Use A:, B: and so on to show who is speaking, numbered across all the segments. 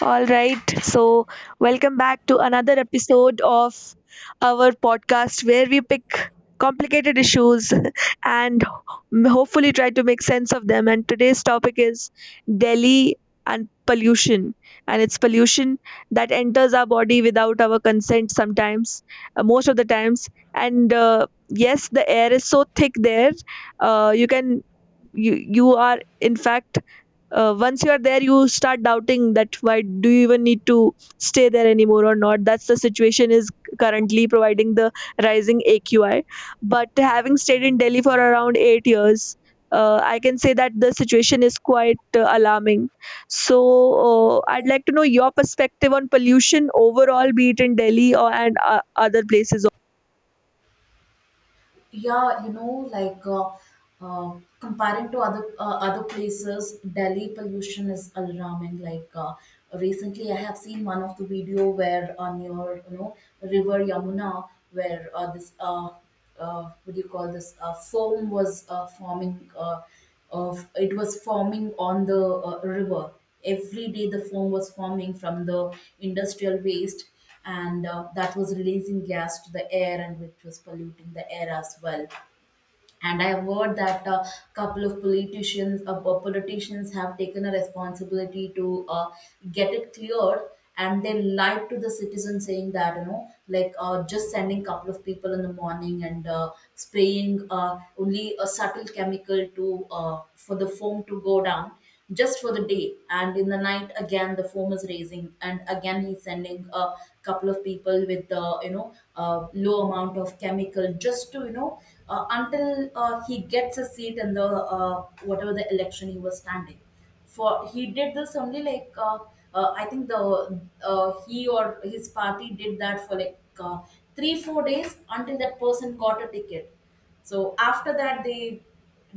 A: All right, so welcome back to another episode of our podcast where we pick complicated issues and hopefully try to make sense of them. And today's topic is Delhi and pollution. And it's pollution that enters our body without our consent sometimes, most of the times. And yes, the air is so thick there. You can you are in fact, once you are there you start doubting that why do you even need to stay there anymore or not, that's the situation is currently providing the rising aqi. But having stayed in Delhi for around 8 years, I can say that the situation is quite alarming. So I'd like to know your perspective on pollution overall, be it in Delhi or, and other places.
B: yeah you know like uh, uh, Comparing to other places, Delhi pollution is alarming. Recently I have seen one of the video where on your river Yamuna where this what do you call this, foam was forming of it was forming on the river. Every day the foam was forming from the industrial waste, and that was releasing gas to the air, and which was polluting the air as well. And I have heard that a couple of politicians politicians have taken a responsibility to get it cleared, and they lied to the citizen saying that just sending couple of people in the morning and spraying only a subtle chemical to for the foam to go down just for the day. And in the night, again, the foam is raising, and again, he's sending a couple of people with the, low amount of chemical just to, until he gets a seat in the whatever the election he was standing for. He did this only like, I think the he or his party did that for 3 4 days until that person got a ticket. So after that, they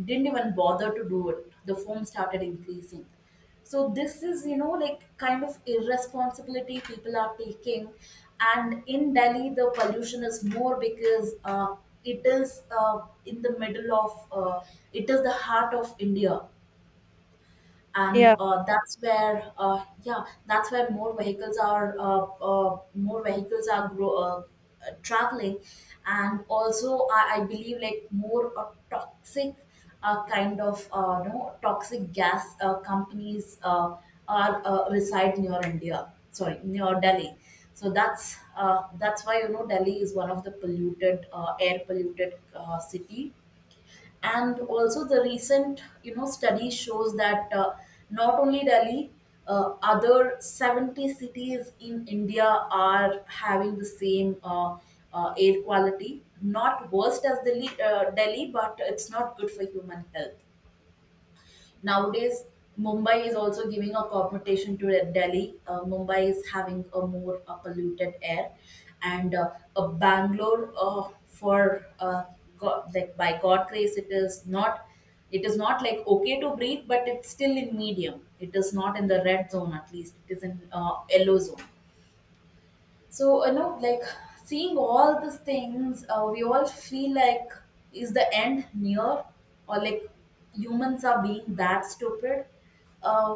B: didn't even bother to do it. The foam started increasing. So this is, you know, like kind of irresponsibility people are taking. And in Delhi, the pollution is more because it is in the middle of, it is the heart of India. And
A: Yeah.
B: that's where that's where more vehicles are traveling. And also I believe like more toxic kind of no toxic gas companies are reside near India sorry near Delhi. So that's why you know Delhi is one of the polluted air polluted city. And also the recent you know study shows that not only Delhi, other 70 cities in India are having the same air quality. Not worst as Delhi, but it's not good for human health. Nowadays, Mumbai is also giving a competition to Delhi. Mumbai is having a more polluted air, and Bangalore, for God, like by God grace, it is not. It is not like okay to breathe, but it's still in medium. It is not in the red zone, at least. It is in yellow zone. So, you know, like seeing all these things, we all feel like, is the end near? Or like humans are being that stupid? Uh,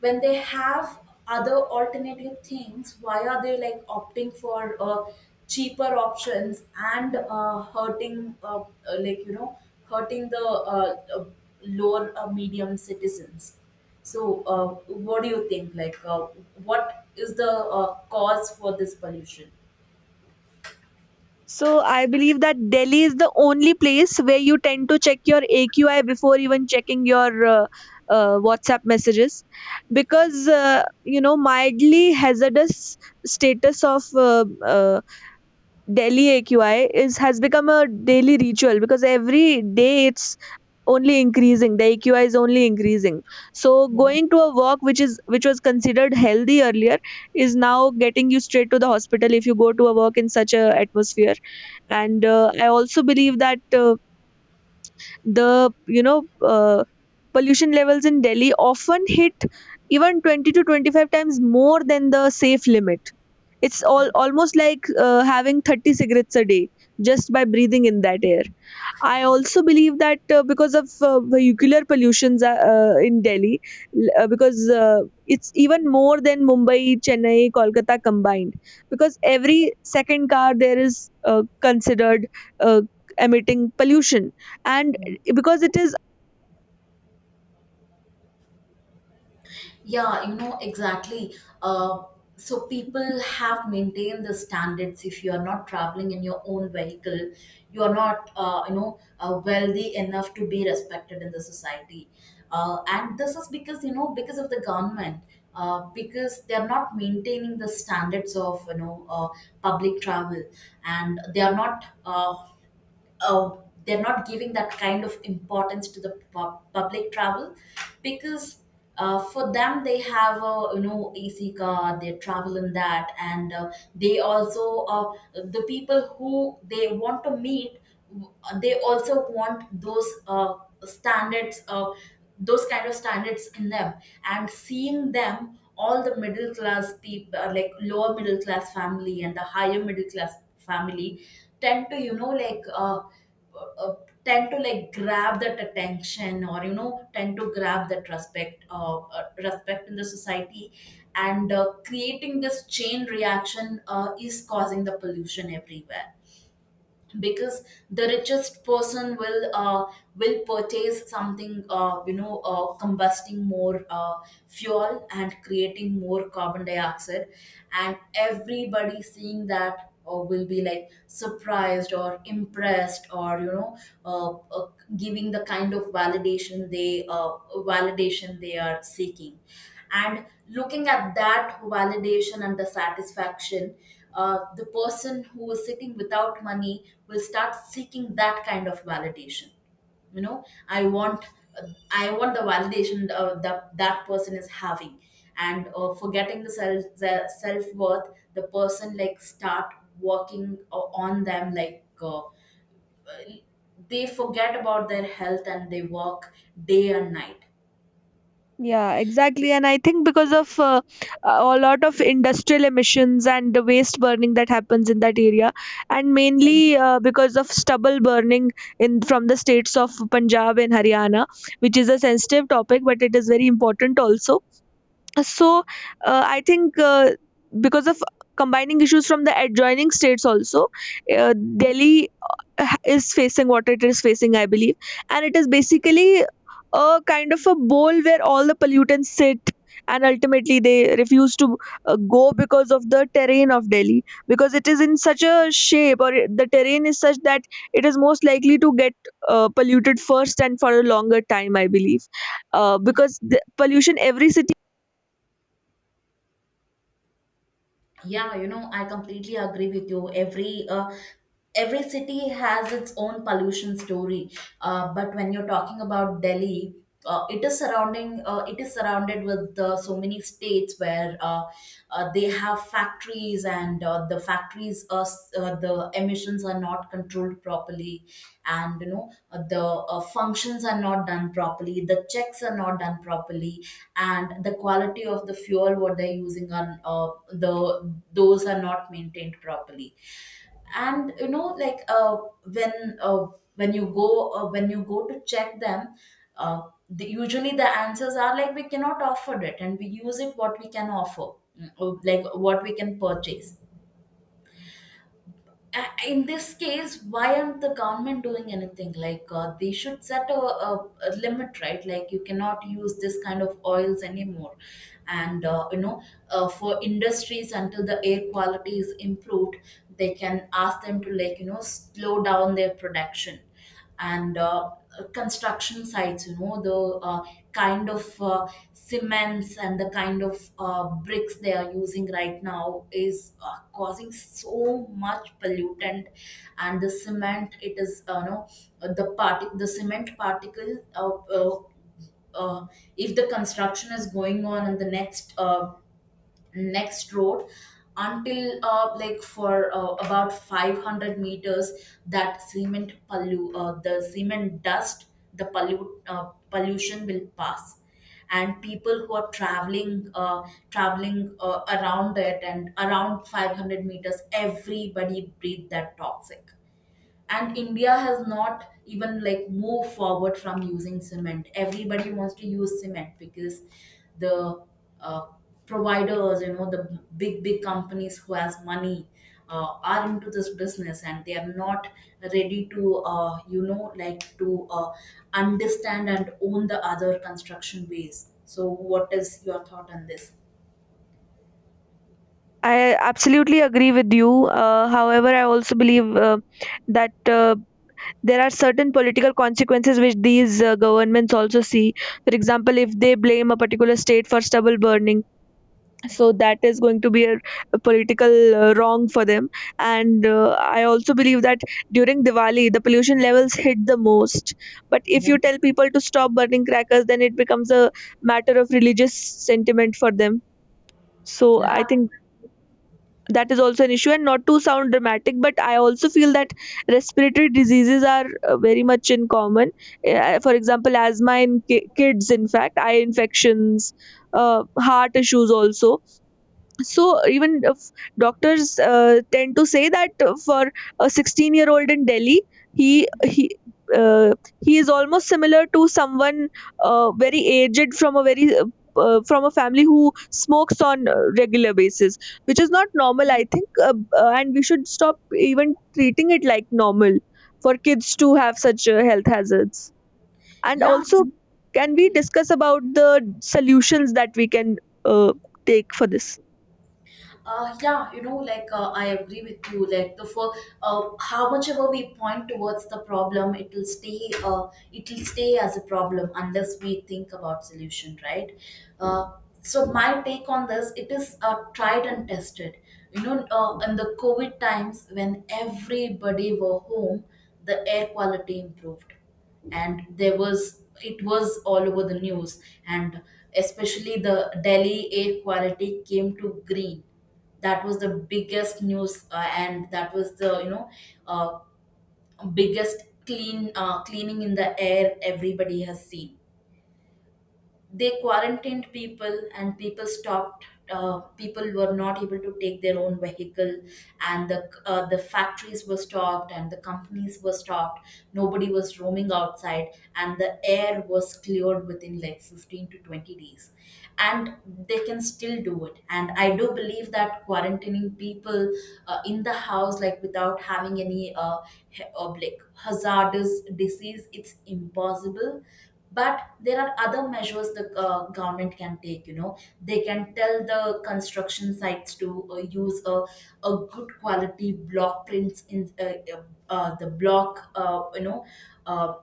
B: when they have other alternative things, why are they like opting for cheaper options and hurting, like, you know, hurting the lower medium citizens? So, what do you think? What is the cause for this pollution?
A: So I believe that Delhi is the only place where you tend to check your AQI before even checking your WhatsApp messages, because you know, mildly hazardous status of Delhi AQI is has become a daily ritual, because every day it's only increasing, the aqi is only increasing. So
B: Yeah.
A: going to a walk, which was considered healthy earlier, is now getting you straight to the hospital if you go to a walk in such a atmosphere. And I also believe that the pollution levels in Delhi often hit even 20 to 25 times more than the safe limit. It's all almost like having 30 cigarettes a day, just by breathing in that air. I also believe that because of vehicular pollutions in Delhi, because it's even more than Mumbai, Chennai, Kolkata combined. Because every second car there is considered uh, emitting pollution, and because it is.
B: Yeah, you know, exactly. Uh, so people have maintained the standards. If you are not traveling in your own vehicle, you are not, wealthy enough to be respected in the society. And this is because, you know, because of the government, because they are not maintaining the standards of, public travel, and they are not uh, they're not giving that kind of importance to the public travel. Because for them they have a you know AC car. They travel in that, and the people who they want to meet, uh, they also want those standards those kind of standards in them. And seeing them all, the middle class people like lower middle class family and the higher middle class family tend to uh, tend to like grab that attention, or you know tend to grab that respect, respect in the society. And creating this chain reaction is causing the pollution everywhere, because the richest person will purchase something, combusting more fuel and creating more carbon dioxide. And everybody seeing that will be like surprised or impressed, or uh, uh, giving the kind of validation they are seeking. And looking at that validation and the satisfaction, the person who is sitting without money will start seeking that kind of validation. You know, I want, uh, I want the validation that that person is having. And forgetting the self-worth, the person like start working on them like they forget about their health and they work day and night.
A: Yeah, exactly. And I think because of a lot of industrial emissions and the waste burning that happens in that area, and mainly because of stubble burning in from the states of Punjab and Haryana, which is a sensitive topic, but it is very important also. So I think because of combining issues from the adjoining states also, uh, Delhi is facing what it is facing, I believe. And it is basically a kind of a bowl where all the pollutants sit, and ultimately they refuse to go because of the terrain of Delhi, because it is in such a shape, or the terrain is such that it is most likely to get polluted first and for a longer time, I believe. Because the pollution every city.
B: Yeah, you know, I completely agree with you. Every city has its own pollution story. But when you're talking about Delhi, it is surrounded with so many states where they have factories, and the emissions are not controlled properly. And you know the functions are not done properly, the checks are not done properly, and the quality of the fuel what they're using on the, those are not maintained properly. And you know like when uh, when you go to check them, uh, the, usually the answers are like, we cannot offer it and we use it what we can offer. Mm, like what we can purchase. In this case, why aren't the government doing anything? Like they should set a limit, right? Like you cannot use this kind of oils anymore, and for industries, until the air quality is improved, they can ask them to like you know slow down their production. And construction sites, you know, the uh, kind of uh, cements and the kind of bricks they are using right now is causing so much pollutant. And the cement, it is you know, the cement particle, uh, uh, if the construction is going on in the next road, until like for about 500 meters, that the cement dust, the pollute pollution will pass. And people who are traveling around it and around 500 meters everybody breathe that toxic. And India has not even like moved forward from using cement. Everybody wants to use cement because the uh, providers, you know, the big big companies who has money are into this business, and they are not ready to you know like to understand and own the other construction ways. So what is your thought on this?
A: I absolutely agree with you. However, I also believe that there are certain political consequences which these governments also see. For example, if they blame a particular state for stubble burning,
B: Yeah,
A: so that is going to be a political wrong for them. And I also believe that during Diwali, the pollution levels hit the most. But if
B: yeah,
A: you tell people to stop burning crackers, then it becomes a matter of religious sentiment for them. So I
B: yeah,
A: think that is also an issue, and not to sound dramatic, but I also feel that respiratory diseases are very much in common. For example, asthma in kids, in fact eye infections, uh, heart issues also. So even if doctors tend to say that for a 16-year-old in Delhi, he he. Uh, he is almost similar to someone very aged from a very from a family who smokes on regular basis, which is not normal, I think. And we should stop even treating it like normal for kids to have such health hazards. And
B: yeah.
A: also, can we discuss about the solutions that we can uh, take for this?
B: Yeah, you know, like I agree with you. Like the for How much ever we point towards the problem, it will stay. It will stay as a problem unless we think about solution, right? Uh, so my take on this, it is tried and tested. You know, in the COVID times when everybody were home, the air quality improved, and there was it was all over the news. And especially the Delhi air quality came to green. That was the biggest news, and that was the uh, biggest cleaning in the air everybody has seen. They quarantined people and people stopped, people were not able to take their own vehicle. And the factories were stopped and the companies were stopped. Nobody was roaming outside, and the air was cleared within like 15 to 20 days. And they can still do it, and I do believe that quarantining people in the house like without having any like hazardous disease, it's impossible. But there are other measures the government can take. You know, they can tell the construction sites to use a good quality block prints in uh, the block you know uh,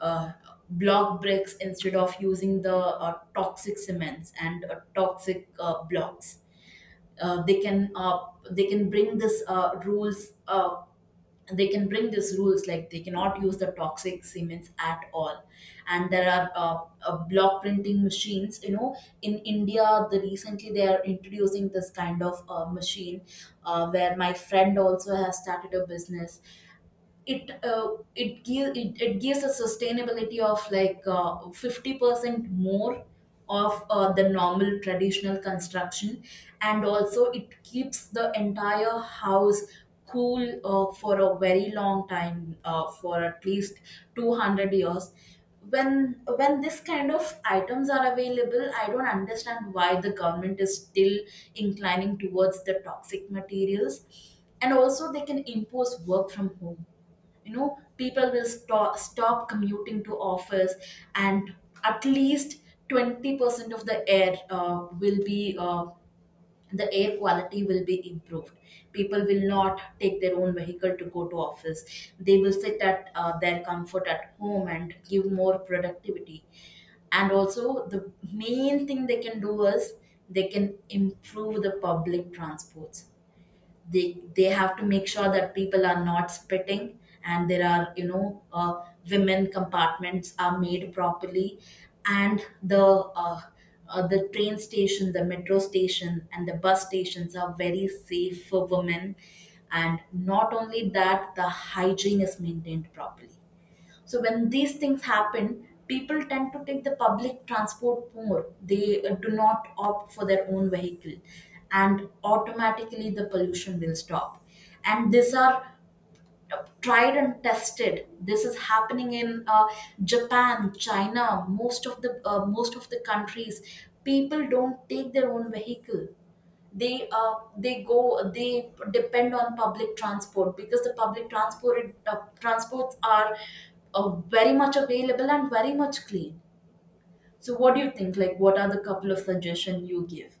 B: uh, block bricks instead of using the toxic cements and toxic blocks. uh, they can uh, they can bring this rules they can bring these rules, like they cannot use the toxic cements at all. And there are block printing machines, you know, in India, the recently they are introducing this kind of machine, where my friend also has started a business. It it gives a sustainability of 50% more of the normal traditional construction. And also it keeps the entire house cool for a very long time, for at least 200 years. When this kind of items are available, I don't understand why the government is still inclining towards the toxic materials. And also they can impose work from Home. You know, people will stop commuting to office, and at least 20% of the air will be the air quality will be improved. People will not take their own vehicle to go to office. They will sit at their comfort at home and give more productivity. And also the main thing they can do is they can improve the public transports. They have to make sure that people are not spitting, and there are women compartments are made properly, and the train station, the metro station and the bus stations are very safe for women. And not only that, the hygiene is maintained properly. So when these things happen, people tend to take the public transport more. They do not opt for their own vehicle, and automatically the pollution will stop. And these are tried and tested. This is happening in Japan, China, most of the countries people don't take their own vehicle. They uh, they go they depend on public transport because the public transports are uh, very much available and very much clean. So what do you think, like what are the couple of suggestions you give?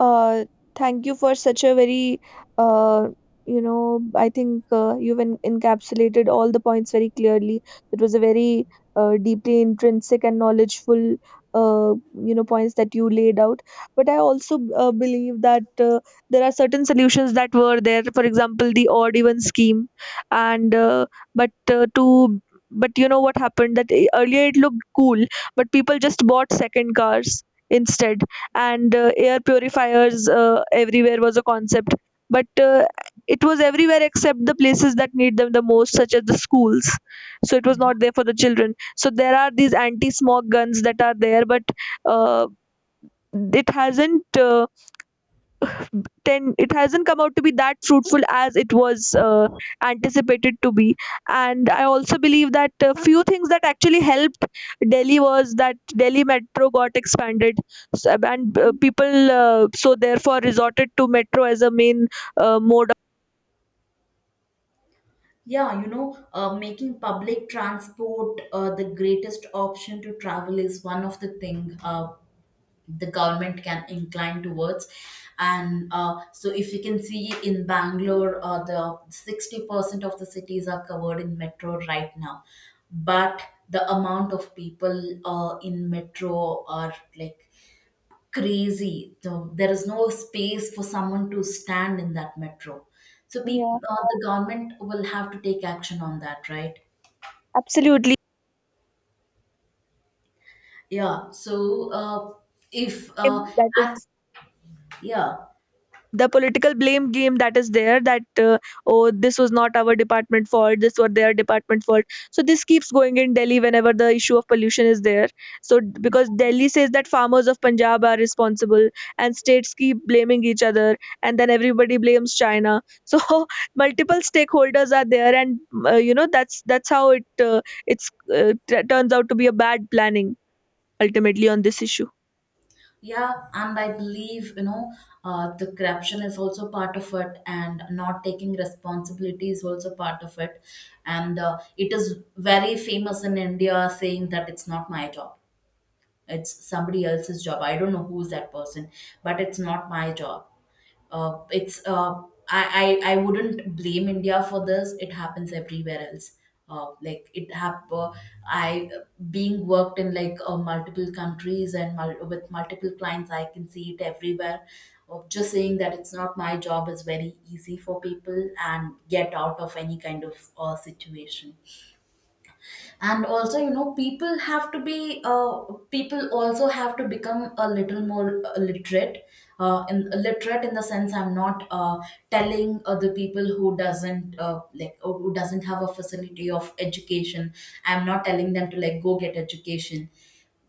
A: Uh, Thank you for such a very, uh, you know, I think you've encapsulated all the points very clearly. It was a very deeply intrinsic and knowledgeful, you know, points that you laid out. But I also believe that there are certain solutions that were there. For example, the odd even scheme, and but to but you know what happened, that earlier it looked cool, but people just bought second cars instead. And air purifiers everywhere was a concept, but it was everywhere except the places that need them the most, such as the schools. So it was not there for the children. So there are these anti smog guns that are there, but uh, it hasn't uh, it hasn't come out to be that fruitful as it was anticipated to be. And I also believe that a few things that actually helped Delhi was that Delhi metro got expanded. And people so therefore resorted to metro as a main mode of.
B: Yeah, you know, making public transport the greatest option to travel is one of the thing the government can incline towards. And so, if you can see in Bangalore, the 60% of the cities are covered in metro right now, but the amount of people in metro are like crazy. There is no space for someone to stand in that metro. So
A: Yeah,
B: people, the government will have to take action on that, right?
A: absolutely,
B: Yeah. So if
A: that
B: and
A: is
B: yeah,
A: the political blame game that is there, that oh, this was not our department fault, this was their department fault. So this keeps going in Delhi whenever the issue of pollution is there. Because Delhi says that farmers of Punjab are responsible, and states keep blaming each other, and then everybody blames China, so multiple stakeholders are there. And you know, that's how it it's turns out to be a bad planning ultimately on this issue.
B: yeah, and I believe, you know, the corruption is also part of it, and not taking responsibility is also part of it, and it is very famous in India saying that it's not my job. It's somebody else's job. I don't know who's that person, but it's not my job. It's I wouldn't blame India for this. It happens everywhere else. Uh, like it hap- uh, I being worked in like multiple countries and with multiple clients, I can see it everywhere. Just saying that it's not my job is very easy for people and get out of any kind of situation. And also, you know, people also have to become a little more literate. In literate in the sense, I'm not telling other people who doesn't like or who doesn't have a facility of education. I'm not telling them to like go get education.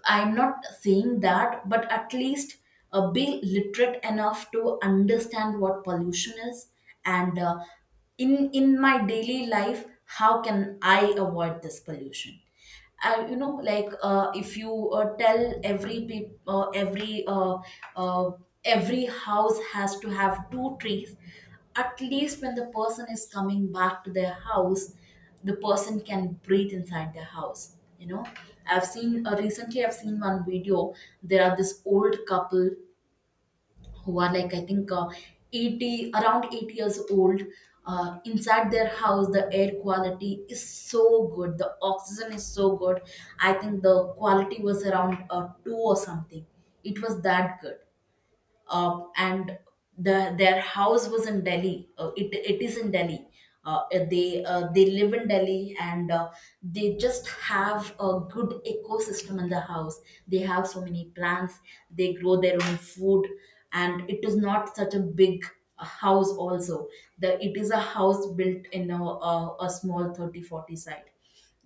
B: I'm not saying that, but at least be literate enough to understand what pollution is, and in my daily life how can I avoid this pollution. You know, like if you tell every peop uh, every house has to have two trees, at least when the person is coming back to their house, the person can breathe inside their house, you know. I've seen Recently, I've seen one video. There are this old couple who are like I think uh, 80 around 80 years old. Inside their house, the air quality is so good, the oxygen is so good. I think the quality was around 2 or something. It was that good. And their house was in Delhi. It is in Delhi. Uh, they live in Delhi, and they just have a good ecosystem in the house. They have so many plants. They grow their own food, and it is not such a big house. Also, the it is a house built in a small thirty forty 40 site,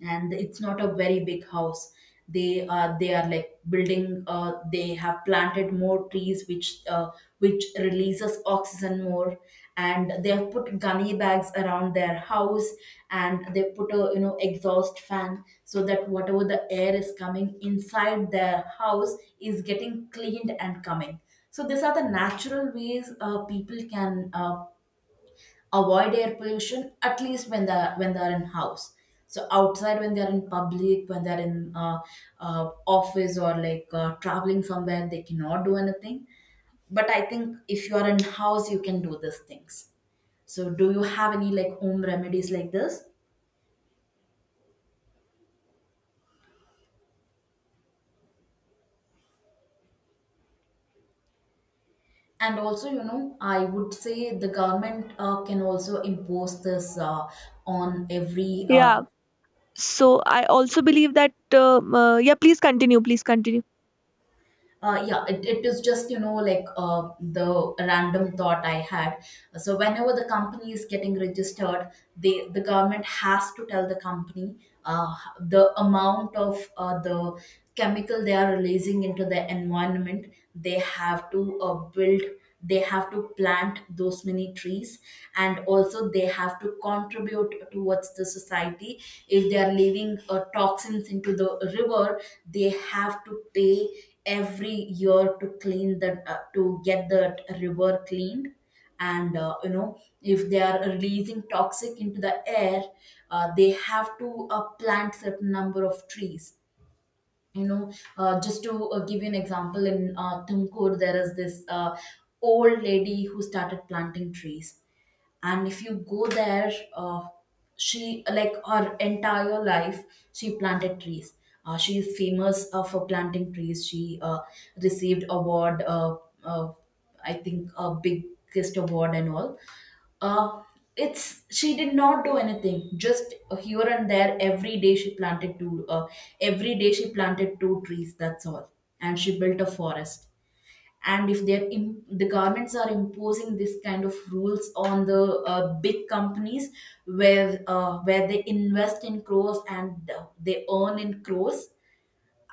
B: and it's not a very big house. They are like building they have planted more trees which releases oxygen more. And they have put gunny bags around their house, and they put a, you know, exhaust fan so that whatever the air is coming inside their house is getting cleaned and coming. So these are the natural ways people can avoid air pollution, at least when they're in house. So outside, when they're in public, when they're in office, or like traveling somewhere, they cannot do anything. But I think if you are in house, you can do these things. So do you have any like home remedies like this? And also, you know, I would say the government can also impose this on every
A: Yeah. So I also believe that yeah, please continue.
B: Yeah, it is just, you know, like the random thought I had. So, whenever the company is getting registered, the government has to tell the company uh, the amount of the chemical they are releasing into the environment. They have to uh, build they have to plant those many trees, and also they have to contribute towards the society. If they are leaving toxins into the river, they have to pay every year to clean the to get the river cleaned. And you know, if they are releasing toxic into the air, they have to plant certain number of trees, you know. Just to give you an example, in Tumkur, there is this old lady who started planting trees. And if you go there, she like her entire life she planted trees. She is famous for planting trees. She Received award. Uh, I think a biggest award and all. uh, it's she did not do anything. Just here and there every day she planted two trees, that's all. And she built a forest. And if the governments are imposing this kind of rules on the big companies where they invest in crores and they earn in crores,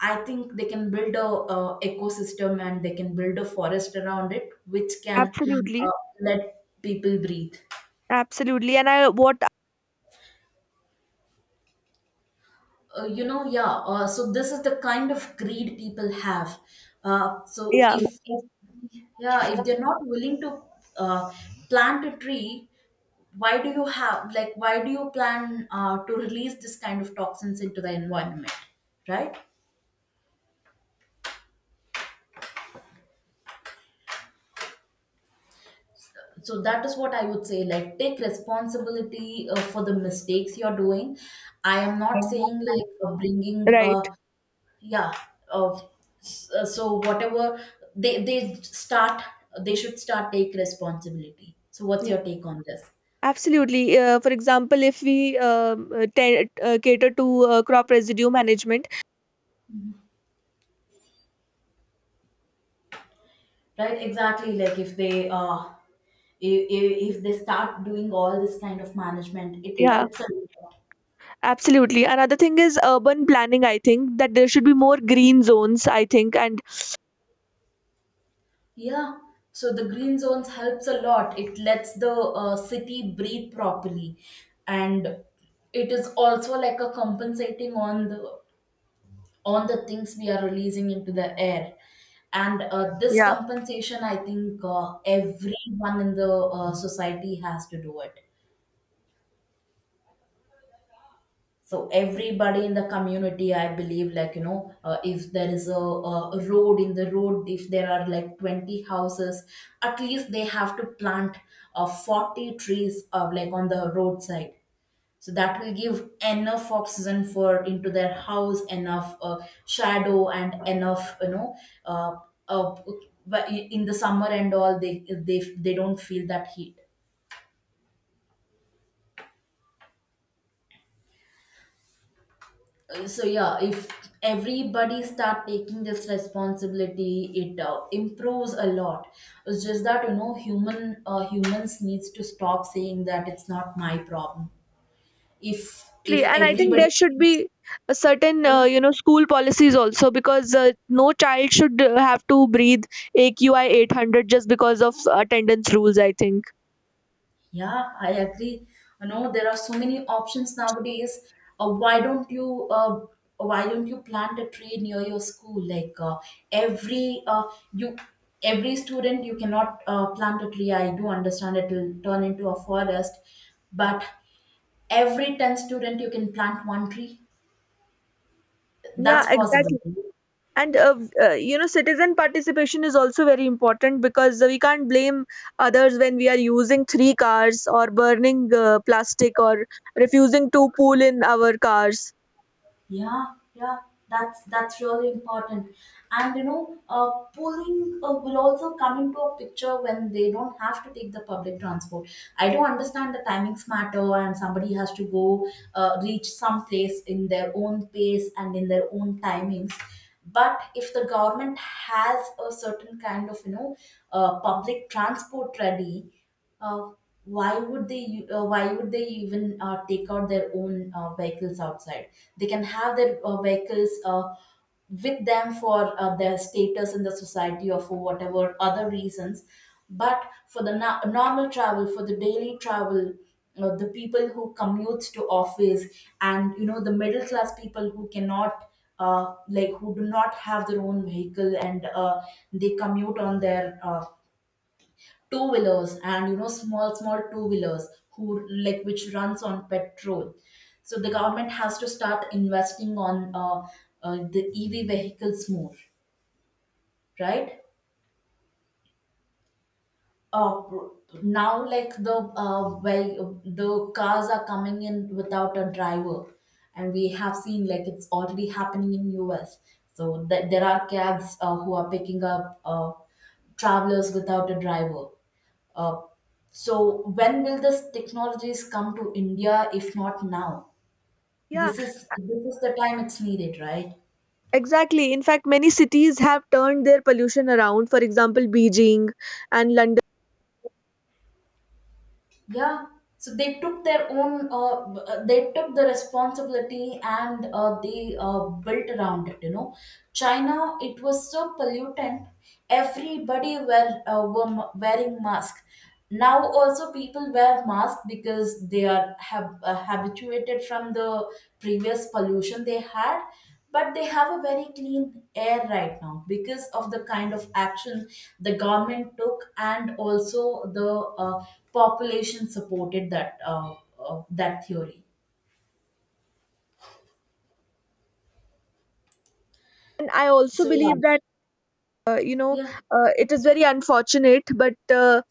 B: I think they can build a ecosystem and they can build a forest around it which can uh,
A: Absolutely,
B: let people breathe.
A: absolutely. And I what.
B: You know, so this is the kind of greed people have. uh, so
A: Yeah,
B: if yeah if they're not willing to uh, plant a tree, why do you have, like why do you plan to release this kind of toxins into the environment, right? So that is what I would say, like take responsibility for the mistakes you're doing. I am not saying like bringing a
A: right,
B: yeah. uh, so whatever they start, they should start take responsibility. So what's
A: yeah,
B: your take on this?
A: absolutely. For example, if we cater to crop residue management.
B: Right, exactly, like if they if if they start doing all this kind of management, it
A: Yeah,
B: helps a lot.
A: absolutely. Another thing is urban planning. I think that there should be more green zones, I think. And
B: Yeah, so the green zones helps a lot. It lets the city breathe properly. And it is also like a compensating on the things we are releasing into the air. And this compensation, I think everyone in the society has to do it. So everybody in the community, I believe, like you know, if there is a road, in the road if there are like 20 houses, at least they have to plant 40 trees like on the roadside. So that will give enough oxygen for into their house, enough shadow and enough, you know, uh, uh, but in the summer and all, they don't feel that heat. So yeah, if everybody start taking this responsibility, it improves a lot. It's just that, you know, humans needs to stop saying that it's not my problem. If
A: exactly,
B: if
A: and I think
B: everybody
A: there should be a certain
B: Yeah.
A: you know, school policies also, because no child should have to breathe AQI 800 just because of attendance rules, I think.
B: Yeah, I agree. You know, there are so many options nowadays. Uh, why don't you uh, why don't you plant a tree near your school? Like every uh, you every student you cannot plant a tree. I do understand it will turn into a forest, but every 10 student you can plant one tree.
A: Yeah,
B: That's possible.
A: exactly. And you know, citizen participation is also very important, because we can't blame others when we are using three cars or burning plastic or refusing to pool in our cars.
B: Yeah, that's really important. And you know, pulling will also come into a picture when they don't have to take the public transport. I do understand the timings matter, and somebody has to go reach some place in their own pace and in their own timings. But if the government has a certain kind of, you know, public transport ready. Uh, why would they even take out their own vehicles outside? They can have their vehicles with them for their status in the society or for whatever other reasons. But for the normal travel, for the daily travel, the people who commutes to office and, you know, the middle class people who cannot like who do not have their own vehicle and they commute on their two wheelers, and you know, small two wheelers who like which runs on petrol. So the government has to start investing on the ev vehicles more, right? uh, now like the well The cars are coming in without a driver. And we have seen like it's already happening in US. So there are cabs who are picking up travelers without a driver. Uh, so when will this technologies come to India if not now?
A: Yeah,
B: This is, this is the time it's needed, right?
A: exactly. In fact, many cities have turned their pollution around. For example, Beijing and London.
B: Yeah. So they took their own, they took the responsibility and they built around it. You know, China, it was so pollutant. Everybody were, wearing mask. Now also people wear mask because they are have habituated from the previous pollution they had, but they have a very clean air right now because of the kind of action the government took, and also the uh, population supported that that theory.
A: And I also
B: So
A: believe that you know,
B: yeah
A: it is very unfortunate, but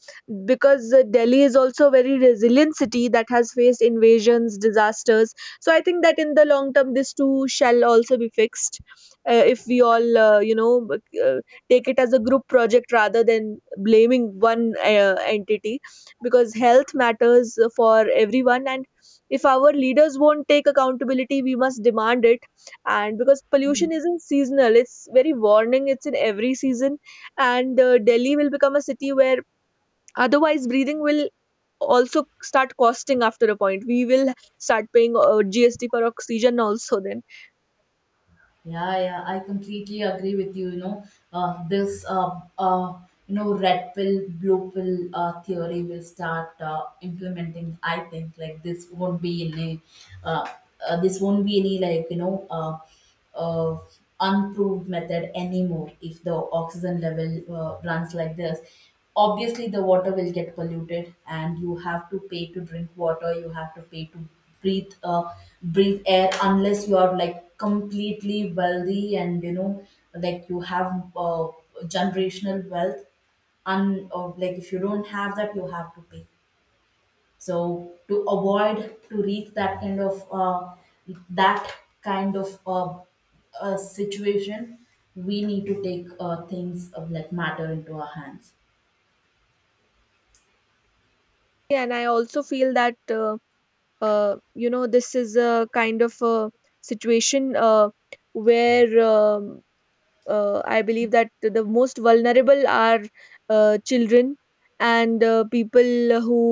A: because Delhi is also a very resilient city that has faced invasions, disasters. So I think that in the long term, this too shall also be fixed, if we all you know, take it as a group project rather than blaming one entity, because health matters for everyone. And if our leaders won't take accountability, we must demand it. And because pollution isn't seasonal, it's very warning, it's in every season. And Delhi will become a city where otherwise breathing will also start costing. After a point we will start paying gst for oxygen also then.
B: yeah Yeah, I completely agree with you. You know, this uh, you know, red pill, blue pill theory will start implementing. I think like this won't be any, uh, this won't be any, like, you know, uh, unproved method anymore. If the oxygen level runs like this, obviously the water will get polluted, and you have to pay to drink water. You have to pay to breathe uh, breathe air, unless you are like completely wealthy, and you know, like you have uh, generational wealth. Un Or like if you don't have that, you have to pay. So to avoid to reach that kind of situation, we need to take things of, like, matter into our hands.
A: Yeah, and I also feel that you know, this is a kind of a situation where I believe that the most vulnerable are children, and people who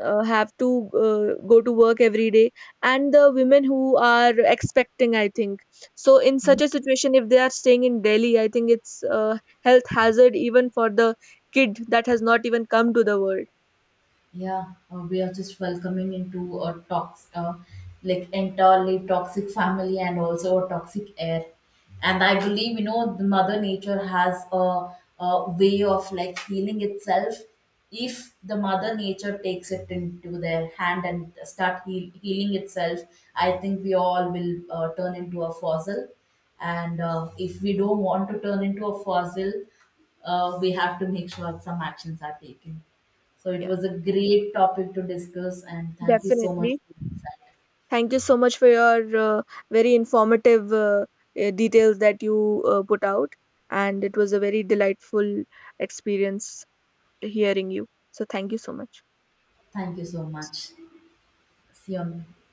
A: have to go to work every day, and the women who are expecting, I think. So, in such a situation, if they are staying in Delhi, I think it's a health hazard even for the kid that has not even come to the world.
B: Yeah, we are just welcoming into a like entirely toxic family, and also a toxic air. And I believe, you know, the mother nature has a way of like healing itself. If the mother nature takes it into their hand and start healing itself, I think we all will turn into a fossil. And if we don't want to turn into a fossil, we have to make sure some actions are taken. So it
A: Yeah,
B: was a great topic to discuss, and thank you so much.
A: definitely. Thank you so much for your very informative details that you put out. And it was a very delightful experience hearing you. So, thank you so much.
B: Thank you so much. See you.